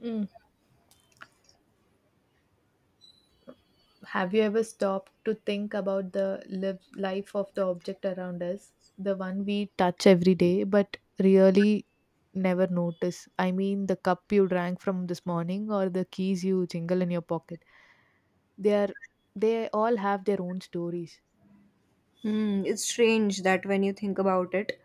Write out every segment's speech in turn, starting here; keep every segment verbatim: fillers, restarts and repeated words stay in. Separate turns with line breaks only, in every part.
Mm. Have you ever stopped to think about the live life of the object around us? The one we touch every day, but really never notice. I mean, the cup you drank from this morning or the keys you jingle in your pocket. They are, they all have their own stories.
Hmm, it's strange that when you think about it,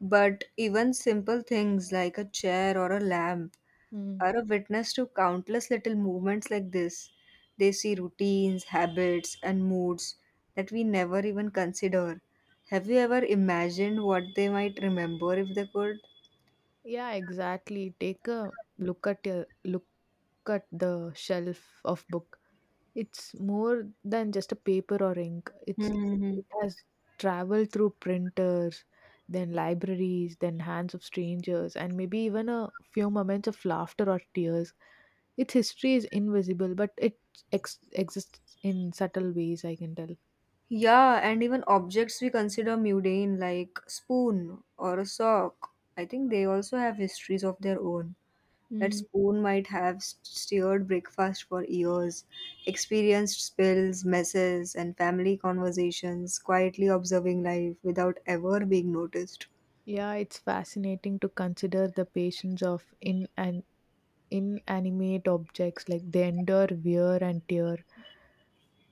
but even simple things like a chair or a lamp
Mm.
are a witness to countless little movements like this. They see routines, habits, and moods that we never even consider. Have you ever imagined what they might remember if they could?
Yeah, exactly. Take a look at your look at the shelf of book. It's more than just a paper or ink. It's
Hmm.
it has traveled through printers, then libraries, then hands of strangers, and maybe even a few moments of laughter or tears. Its history is invisible, but it ex- exists in subtle ways. I can tell.
Yeah, and even objects we consider mundane, like spoon or a sock, I think they also have histories of their own. That
Mm.
spoon might have s- steered breakfast for years, experienced spills, messes, and family conversations, quietly observing life without ever being noticed.
Yeah, it's fascinating to consider the patience of in and inanimate objects, like they endure wear and tear,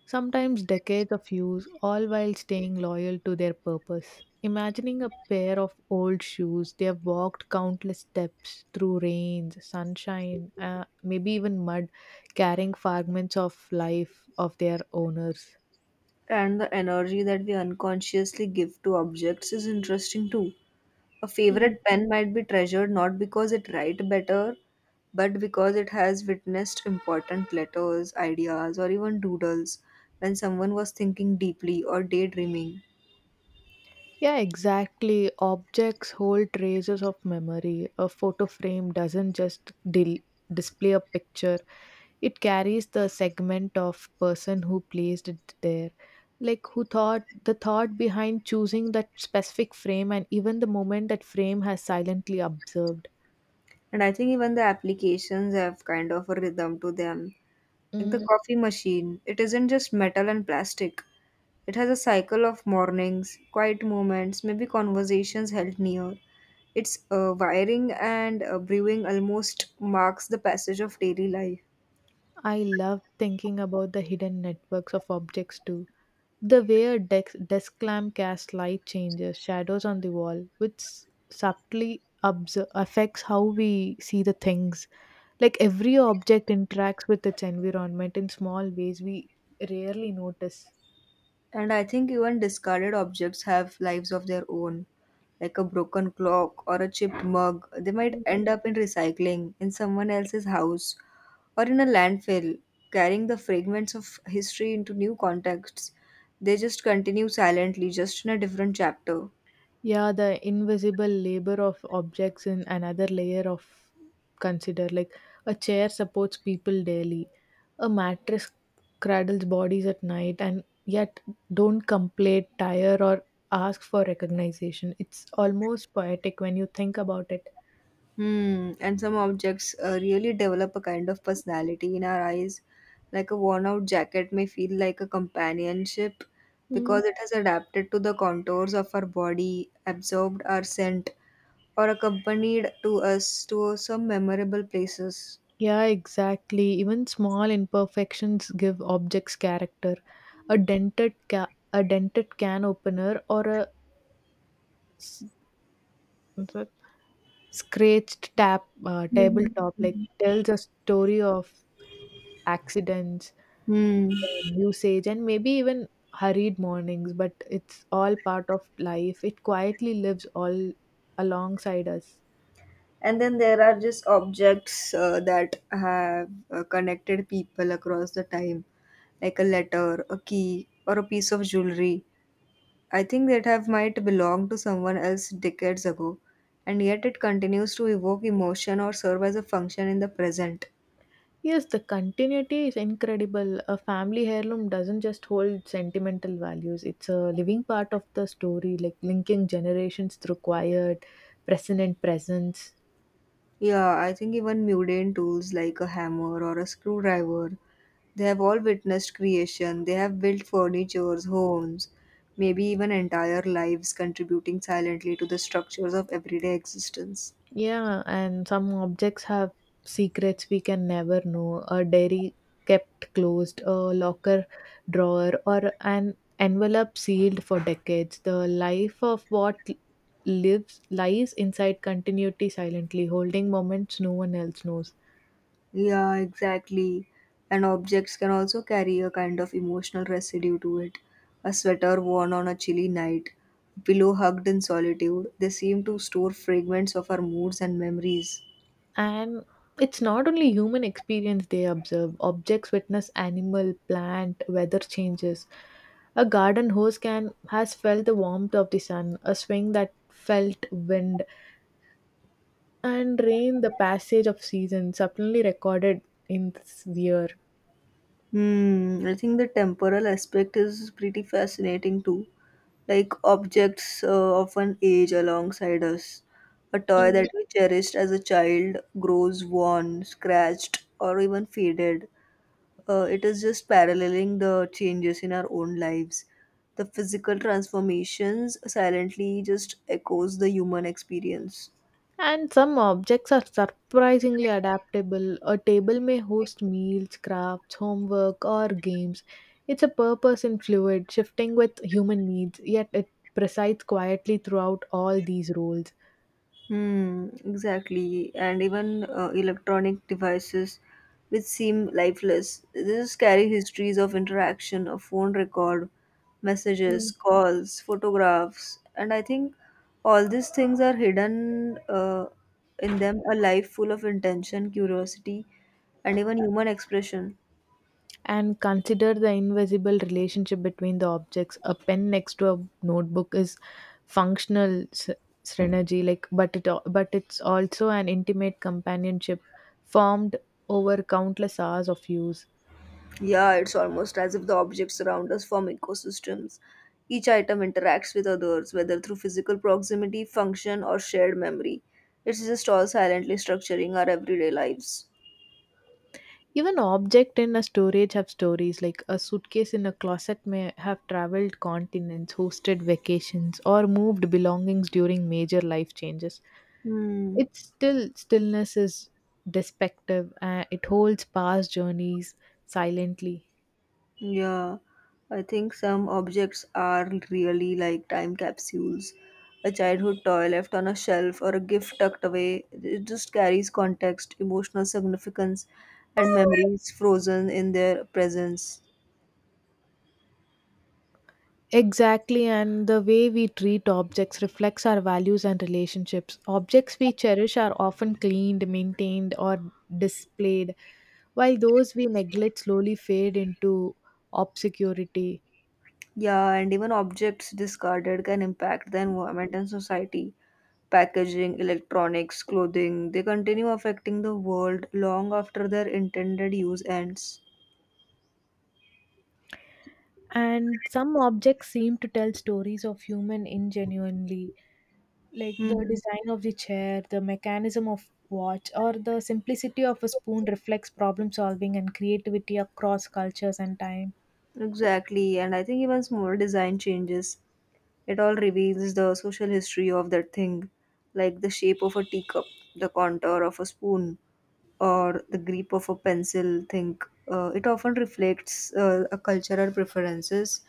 sometimes decades of use, all while staying loyal to their purpose. Imagining a pair of old shoes, they have walked countless steps through rains, sunshine, uh, maybe even mud, carrying fragments of life of their owners.
And the energy that we unconsciously give to objects is interesting too. A
Hmm.
favorite pen might be treasured not because it writes better, but because it has witnessed important letters, ideas, or even doodles when someone was thinking deeply or daydreaming.
Yeah, exactly. Objects hold traces of memory. A photo frame doesn't just dil- display a picture. It carries the segment of person who placed it there, like who thought the thought behind choosing that specific frame and even the moment that frame has silently observed.
And I think even the applications have kind of a rhythm to them. Like the
Mm,
coffee machine, it isn't just metal and plastic. It has a cycle of mornings, quiet moments, maybe conversations held near. Its uh, wiring and uh, brewing almost marks the passage of daily life.
I love thinking about the hidden networks of objects too. The way a dex- desk lamp casts light changes shadows on the wall, which subtly obser- affects how we see the things. Like every object interacts with its environment in small ways we rarely notice.
And I think even discarded objects have lives of their own. Like a broken clock or a chipped mug, they might end up in recycling in someone else's house or in a landfill, carrying the fragments of history into new contexts. They just continue silently, just in a different chapter.
Yeah, the invisible labor of objects in another layer of consider. Like a chair supports people daily, a mattress cradles bodies at night, and yet don't complain, tire, or ask for recognition. It's almost poetic when you think about it.
Hmm, and some objects uh, really develop a kind of personality in our eyes. Like a worn out jacket may feel like a companionship
Mm.
because it has adapted to the contours of our body, absorbed our scent, or accompanied to us to some memorable places.
Yeah, exactly. Even small imperfections give objects character. A dented ca- a dented can opener or a s- scratched tap uh, tabletop
Mhm.
like tells a story of accidents,
Hmm.
and usage, and maybe even hurried mornings. But it's all part of life. It quietly lives all alongside us.
And then there are just objects uh, that have uh, connected people across the time, like a letter, a key, or a piece of jewelry. I think that have might belong to someone else decades ago, and yet it continues to evoke emotion or serve as a function in the present.
Yes, the continuity is incredible. A family heirloom doesn't just hold sentimental values, it's a living part of the story, like linking generations through quiet, present, and presence.
Yeah, I think even mundane tools like a hammer or a screwdriver, they have all witnessed creation. They have built furnitures, homes, maybe even entire lives, contributing silently to the structures of everyday existence.
Yeah, and some objects have secrets we can never know. A diary kept closed, a locker drawer, or an envelope sealed for decades. The life of what lives lies inside continuity silently, holding moments no one else knows.
Yeah, exactly. And objects can also carry a kind of emotional residue to it. A sweater worn on a chilly night, a pillow hugged in solitude, they seem to store fragments of our moods and memories.
And it's not only human experience they observe, objects witness animal, plant, weather changes. A garden hose can has felt the warmth of the sun, a swing that felt wind and rain, the passage of season, suddenly recorded in sphere.
Hmm, I think the temporal aspect is pretty fascinating too. Like objects uh, often age alongside us. A toy that we cherished as a child grows worn, scratched, or even faded. Uh, it is just paralleling the changes in our own lives. The physical transformations silently just echoes the human experience.
And some objects are surprisingly adaptable. A table may host meals, crafts, homework, or games. It's a purpose in fluid, shifting with human needs, yet it presides quietly throughout all these roles.
Hmm, exactly. And even uh, electronic devices which seem lifeless. These carry histories of interaction, of phone record, messages, calls, photographs. And I think all these things are hidden uh, in them a life full of intention, curiosity, and even human expression.
And consider the invisible relationship between the objects. A pen next to a notebook is functional s- synergy, like but it al- but it's also an intimate companionship formed over countless hours of use.
Yeah, it's almost as if the objects around us form ecosystems. Each item interacts with others, whether through physical proximity, function, or shared memory. It's just all silently structuring our everyday lives.
Even object in a storage have stories like a suitcase in a closet may have traveled continents, hosted vacations, or moved belongings during major life changes.
Hmm.
It's still stillness is despective. Uh, it holds past journeys silently.
Yeah, I think some objects are really like time capsules. A childhood toy left on a shelf or a gift tucked away, it just carries context, emotional significance, and memories frozen in their presence.
Exactly, and the way we treat objects reflects our values and relationships. Objects we cherish are often cleaned, maintained, or displayed, while those we neglect slowly fade into obscurity.
Yeah, and even objects discarded can impact the environment and society. Packaging, electronics, clothing, they continue affecting the world long after their intended use ends.
And some objects seem to tell stories of human ingenuity, like
Hmm.
the design of the chair, the mechanism of watch, or the simplicity of a spoon reflects problem solving and creativity across cultures and time.
Exactly, and I think even small design changes, it all reveals the social history of that thing, like the shape of a teacup, the contour of a spoon, or the grip of a pencil think uh, it often reflects uh, a cultural preferences,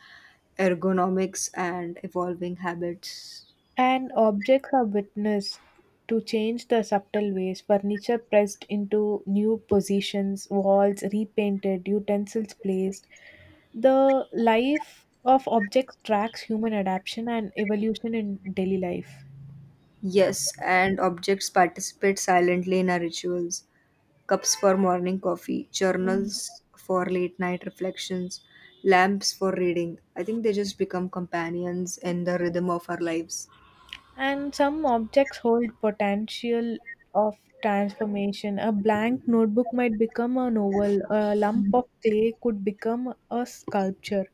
ergonomics, and evolving habits.
And objects are witnessed to change the subtle ways. Furniture pressed into new positions, walls repainted, utensils placed. The life of objects tracks human adaptation and evolution in daily life.
Yes, and objects participate silently in our rituals: cups for morning coffee, journals for late night reflections, lamps for reading. I think they just become companions in the rhythm of our lives.
And some objects hold potential of transformation. A blank notebook might become an oval, a lump of clay could become a sculpture.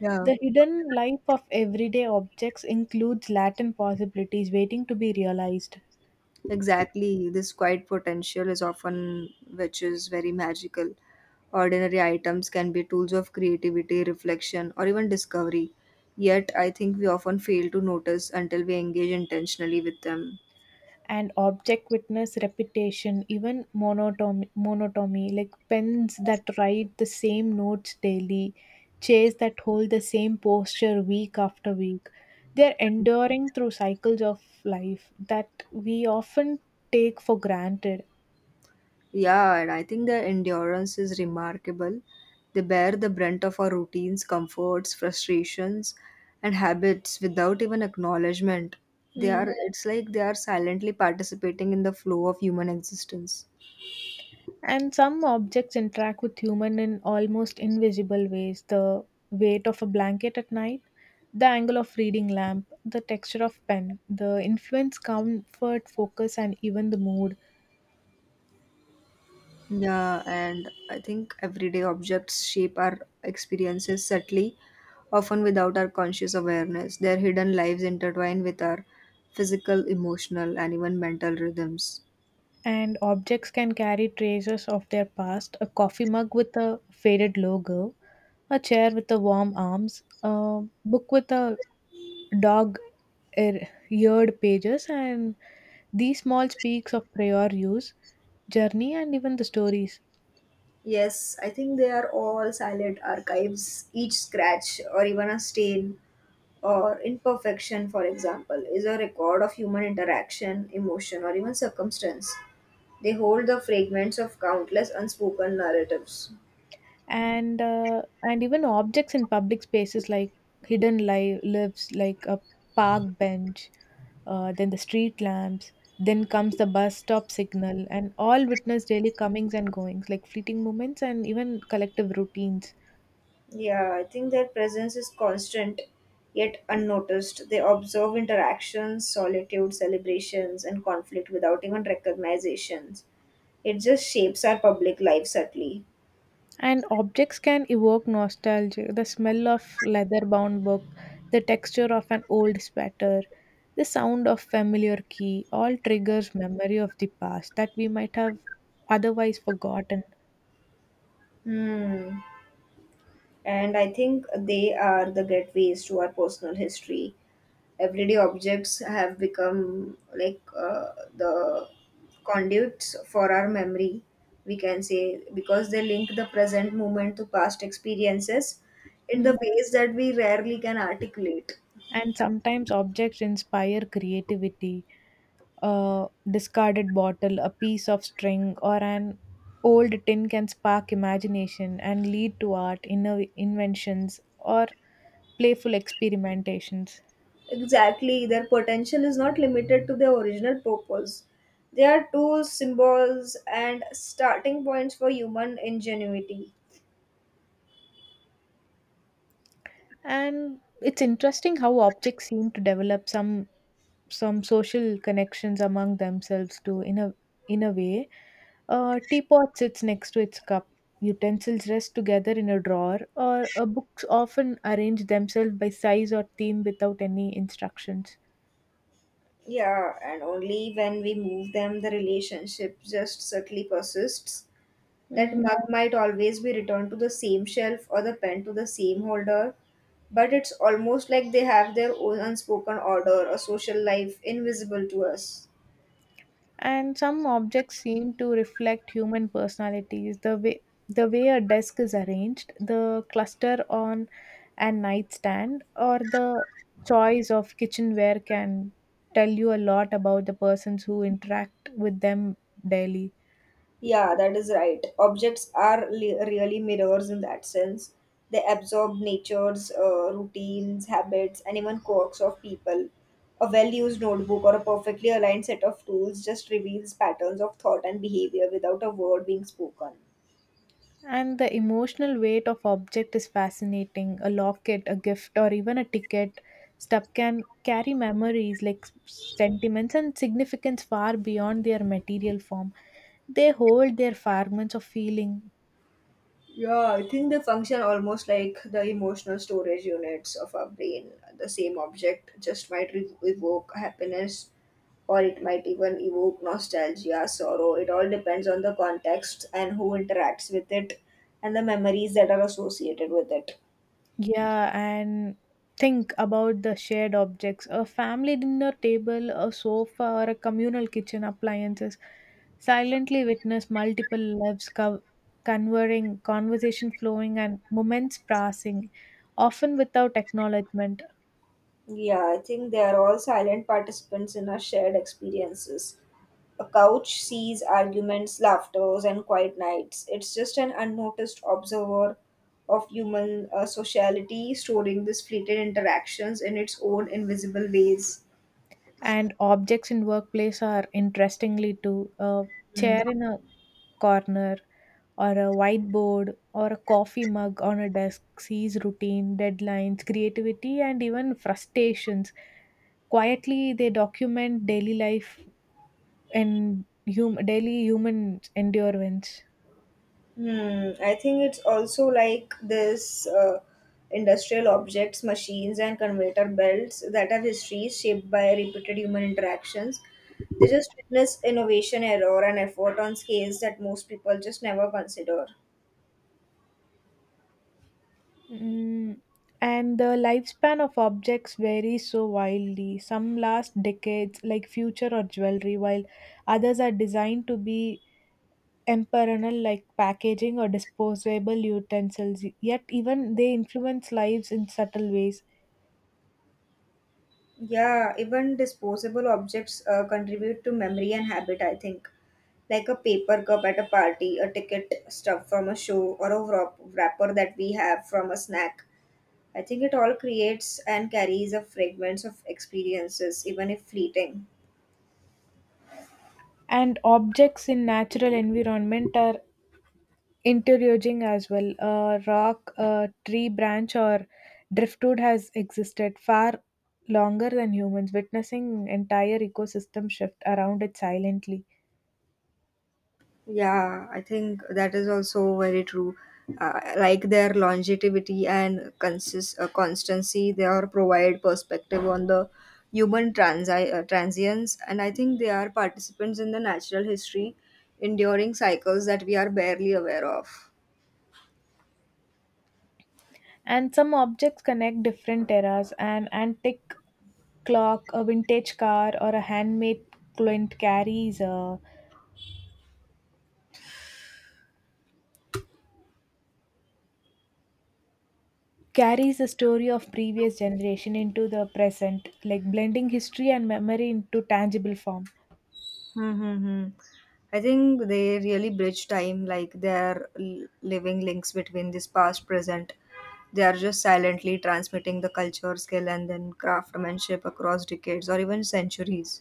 Yeah.
The hidden life of everyday objects includes latent possibilities waiting to be realized.
Exactly, this quiet potential is often which is very magical. Ordinary items can be tools of creativity, reflection, or even discovery. Yet, I think we often fail to notice until we engage intentionally with them.
And object witness repetition, even monotony, monotony, like pens that write the same notes daily, chairs that hold the same posture week after week. They're enduring through cycles of life that we often take for granted.
Yeah, and I think their endurance is remarkable. They bear the brunt of our routines, comforts, frustrations, and habits without even acknowledgement. They
Mm.
are, it's like they are silently participating in the flow of human existence.
And some objects interact with human in almost invisible ways. The weight of a blanket at night, the angle of reading lamp, the texture of pen, the influence comfort, focus, and even the mood.
Yeah, and I think everyday objects shape our experiences subtly, often without our conscious awareness. Their hidden lives intertwine with our physical, emotional, and even mental rhythms.
And objects can carry traces of their past, a coffee mug with a faded logo, a chair with the warm arms, a book with a dog er- eared pages and these small speaks of prior use journey and even the stories.
Yes, I think they are all silent archives. Each scratch, or even a stain, or imperfection, for example, is a record of human interaction, emotion, or even circumstance. They hold the fragments of countless unspoken narratives.
And uh, and even objects in public spaces like hidden li- lives, like a park bench, uh, then the street lamps, then comes the bus stop signal, and all witness daily comings and goings like fleeting moments and even collective routines.
Yeah, I think their presence is constant yet unnoticed. They observe interactions, solitude, celebrations, and conflict without even recognizations. It just shapes our public life subtly.
And objects can evoke nostalgia. The smell of leather bound book, the texture of an old sweater, the sound of familiar key all triggers memory of the past that we might have otherwise forgotten.
Hmm. And I think they are the gateways to our personal history. Everyday objects have become like uh, the conduits for our memory, we can say, because they link the present moment to past experiences in
Hmm.
the ways that we rarely can articulate.
And sometimes objects inspire creativity. A discarded bottle, a piece of string, or an old tin can spark imagination and lead to art, inno- inventions, or playful experimentations.
Exactly, their potential is not limited to their original purpose. They are tools, symbols, and starting points for human ingenuity.
And it's interesting how objects seem to develop some some social connections among themselves too, in a in a way. A teapot sits next to its cup, utensils rest together in a drawer, or a books often arrange themselves by size or theme without any instructions.
Yeah, and only when we move them the relationship just subtly persists. That
Mm,
mug might always be returned to the same shelf or the pen to the same holder, but it's almost like they have their own unspoken order or social life invisible to us.
and some objects seem to reflect human personalities, the way the way a desk is arranged, the cluster on a nightstand, or the choice of kitchenware can tell you a lot about the persons who interact with them daily.
Yeah, that is right. Objects are li- really mirrors in that sense. They absorb nature's uh, routines, habits, and even quirks of people. A well used notebook or a perfectly aligned set of tools just reveals patterns of thought and behavior without a word being spoken.
And the emotional weight of object is fascinating. A locket, a gift, or even a ticket stuff can carry memories like s- sentiments and significance far beyond their material form. They hold their fragments of feeling.
Yeah, I think they function almost like the emotional storage units of our brain. The same object just might re- evoke happiness, or it might even evoke nostalgia, sorrow. It all depends on the context and who interacts with it and the memories that are associated with it.
Yeah, and think about the shared objects, a family dinner table, a sofa, or a communal kitchen appliances silently witness multiple lives co- converging, conversation flowing, and moments passing, often without acknowledgement.
Yeah, I think they are all silent participants in our shared experiences. A couch sees arguments, laughters, and quiet nights. It's just an unnoticed observer of human uh, sociality, storing these fleeting interactions in its own invisible ways.
And objects in workplace are interestingly too, a
Hmm.
chair in a corner, or a whiteboard, or a coffee mug on a desk sees routine deadlines, creativity, and even frustrations. Quietly they document daily life and hum- daily human endurance.
Hmm. I think it's also like this uh, industrial objects, machines, and conveyor belts that have histories shaped by repeated human interactions. They just witness innovation, error, and effort on scales that most people just never consider.
Mm, and the lifespan of objects varies so wildly. Some last decades, like future or jewelry, while others are designed to be and like packaging or disposable utensils, yet even they influence lives in subtle ways.
Yeah, even disposable objects uh, contribute to memory and habit, I think. Like a paper cup at a party, a ticket stuff from a show, or a wrap- wrapper that we have from a snack. I think it all creates and carries a fragments of experiences, even if fleeting.
And objects in natural environment are interiorizing as well. A rock, a tree branch, or driftwood has existed far longer than humans, witnessing entire ecosystem shift around it silently.
Yeah, I think that is also very true. Uh, like their longevity and consist uh, constancy, they are provide perspective on the human transi- uh, transience, and I think they are participants in the natural history, enduring cycles that we are barely aware of.
And some objects connect different eras. An antique clock, a vintage car, or a handmade client carries a carries the story of previous generation into the present, like blending history and memory into tangible form.
Mm-hmm. I think they really bridge time, like their l- living links between this past, present. They are just silently transmitting the culture, skill, and then craftsmanship across decades or even centuries.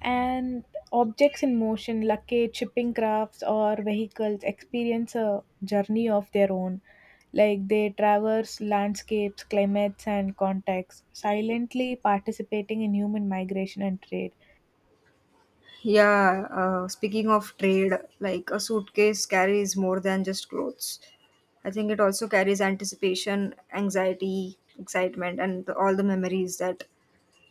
And objects in motion, luggage, shipping crafts, or vehicles experience a journey of their own, like they traverse landscapes, climates, and contexts, silently participating in human migration and trade.
Yeah, uh, speaking of trade, like a suitcase carries more than just clothes. I think it also carries anticipation, anxiety, excitement, and the, all the memories that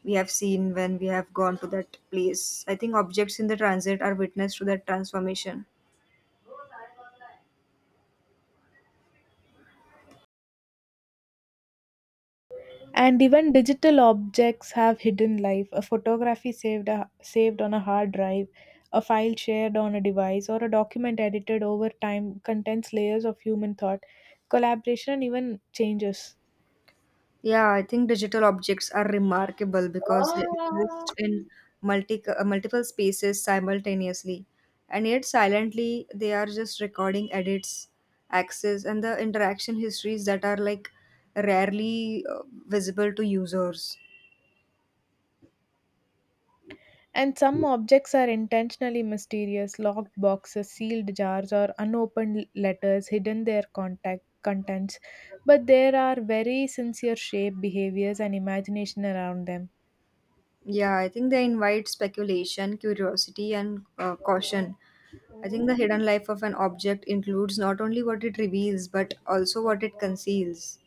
we have seen when we have gone to that place. I think objects in the transit are witness to that transformation.
And even digital objects have hidden life. A photography saved a, saved on a hard drive, a file shared on a device, or a document edited over time contains layers of human thought, collaboration, and even changes.
Yeah, I think digital objects are remarkable because they exist in multi, uh, multiple spaces simultaneously, and yet silently they are just recording edits, access, and the interaction histories that are like rarely uh, visible to users.
And some objects are intentionally mysterious, locked boxes, sealed jars, or unopened letters hidden their contact contents, but there are very sincere shape behaviors and imagination around them.
Yeah, I think they invite speculation, curiosity, and uh, caution. I think the hidden life of an object includes not only what it reveals but also what it conceals.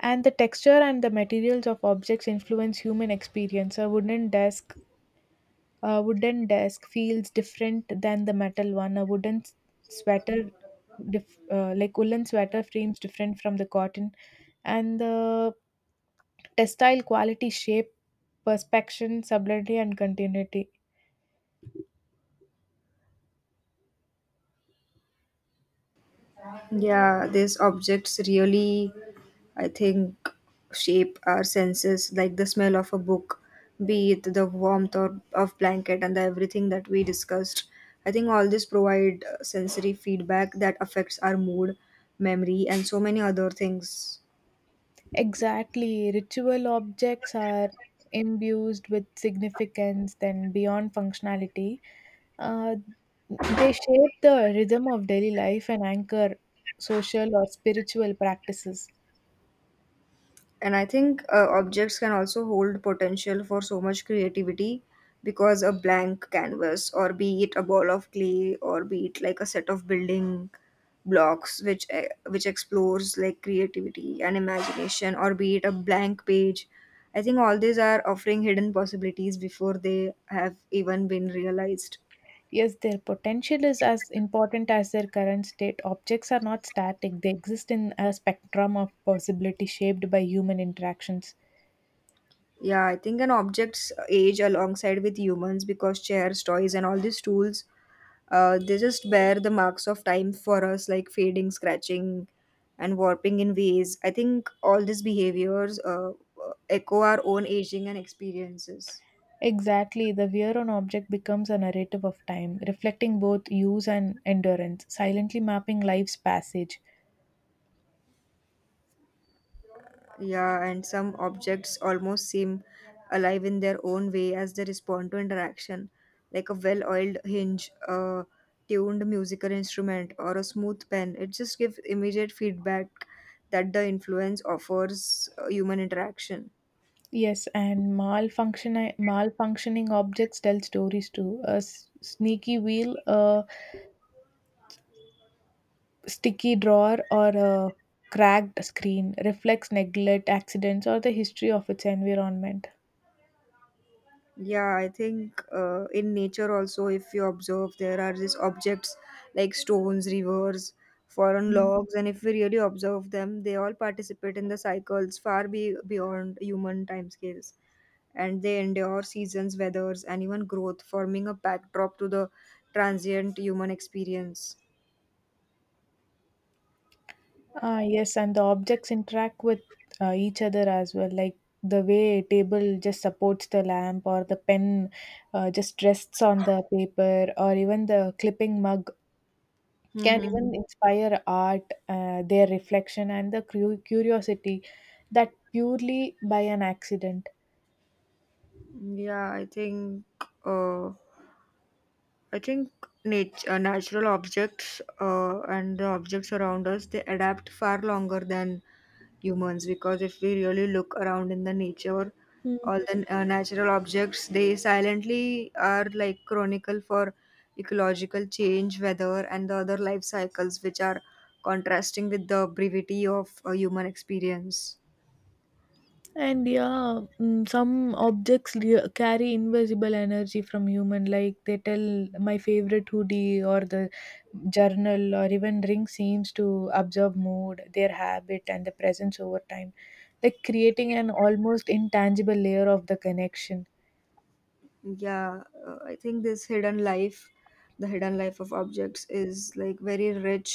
And the texture and the materials of objects influence human experience. A wooden desk, a wooden desk feels different than the metal one. A wooden s- sweater, dif- uh, like woolen sweater, frames different from the cotton, and the textile quality, shape, perspection, subtlety, and continuity.
Yeah, these objects really, I think, shape our senses, like the smell of a book, be it the warmth or of blanket and the everything that we discussed. I think all this provide uh, sensory feedback that affects our mood, memory, and so many other things.
Exactly. Ritual objects are imbued with significance then beyond functionality. Uh, they shape the rhythm of daily life and anchor social or spiritual practices.
And I think uh, objects can also hold potential for so much creativity because a blank canvas, or be it a ball of clay, or be it like a set of building blocks, which uh, which explores like creativity and imagination, or be it a blank page. I think all these are offering hidden possibilities before they have even been realized.
Yes, their potential is as important as their current state. Objects are not static, they exist in a spectrum of possibility shaped by human interactions.
Yeah, I think an object's age alongside with humans because chairs, toys, and all these tools Uh, they just bear the marks of time for us, like fading, scratching, and warping in ways. I think all these behaviors uh, echo our own aging and experiences.
Exactly, the wear on object becomes a narrative of time, reflecting both use and endurance, silently mapping life's passage.
Yeah, and some objects almost seem alive in their own way as they respond to interaction, like a well oiled hinge, a tuned musical instrument, or a smooth pen. It just gives immediate feedback that the influence offers uh, human interaction.
Yes, and malfunction- malfunctioning objects tell stories too. A s- sneaky wheel, a sticky drawer, or a cracked screen reflects neglect, accidents, or the history of its environment.
Yeah, I think uh, in nature also, if you observe, there are these objects like stones, rivers, foreign logs, and if we really observe them, they all participate in the cycles far be- beyond human timescales. And they endure seasons, weathers, and even growth, forming a backdrop to the transient human experience.
Ah, yes, and the objects interact with uh, each other as well, like the way a table just supports the lamp, or the pen uh, just rests on the paper, or even the clipping mug can even
Hmm.
inspire art, uh, their reflection, and the cu- curiosity that purely by an accident.
Yeah, I think. Uh, I think nat- uh, natural objects uh, and the objects around us they adapt far longer than humans because if we really look around in the nature, all the uh, natural objects they silently are like chronicle for ecological change, weather, and the other life cycles which are contrasting with the brevity of uh, human experience.
And yeah, mm, some objects li- carry invisible energy from human. Like they tell my favorite hoodie or the journal or even ring seems to observe mood, their habit, and the presence over time, like creating an almost intangible layer of the connection.
Yeah, uh, I think this hidden life the hidden life of objects is like very rich,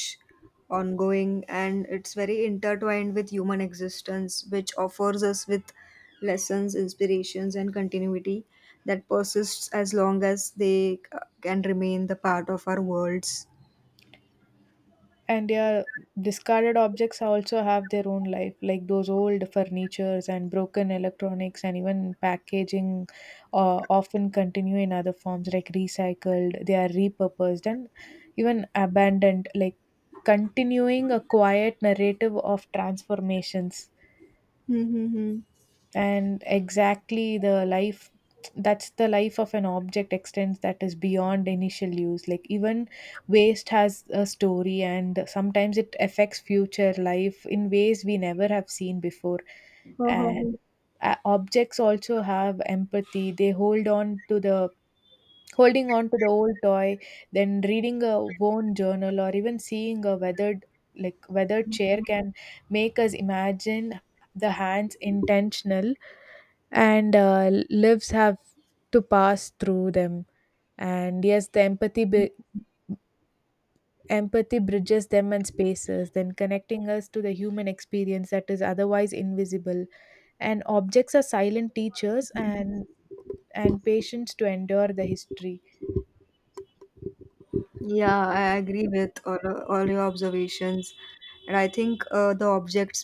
ongoing, and it's very intertwined with human existence, which offers us with lessons, inspirations, and continuity that persists as long as they uh, can remain the part of our worlds.
And yeah, discarded objects also have their own life, like those old furnitures and broken electronics, and even packaging uh, often continue in other forms, like recycled, they are repurposed, and even abandoned, like continuing a quiet narrative of transformations.
Mm-hmm.
And exactly, the life that's the life of an object extends that is beyond initial use, like even waste has a story and sometimes it affects future life in ways we never have seen before. And uh, objects also have empathy, they hold on to the holding on to the old toy, then reading a worn journal, or even seeing a weathered like weathered chair can make us imagine the hands intentional and uh, lives have to pass through them. And yes, the empathy bi- empathy bridges them and spaces, then connecting us to the human experience that is otherwise invisible. And objects are silent teachers and and patience to endure the history.
Yeah, I agree with all, all your observations. And I think uh, the objects,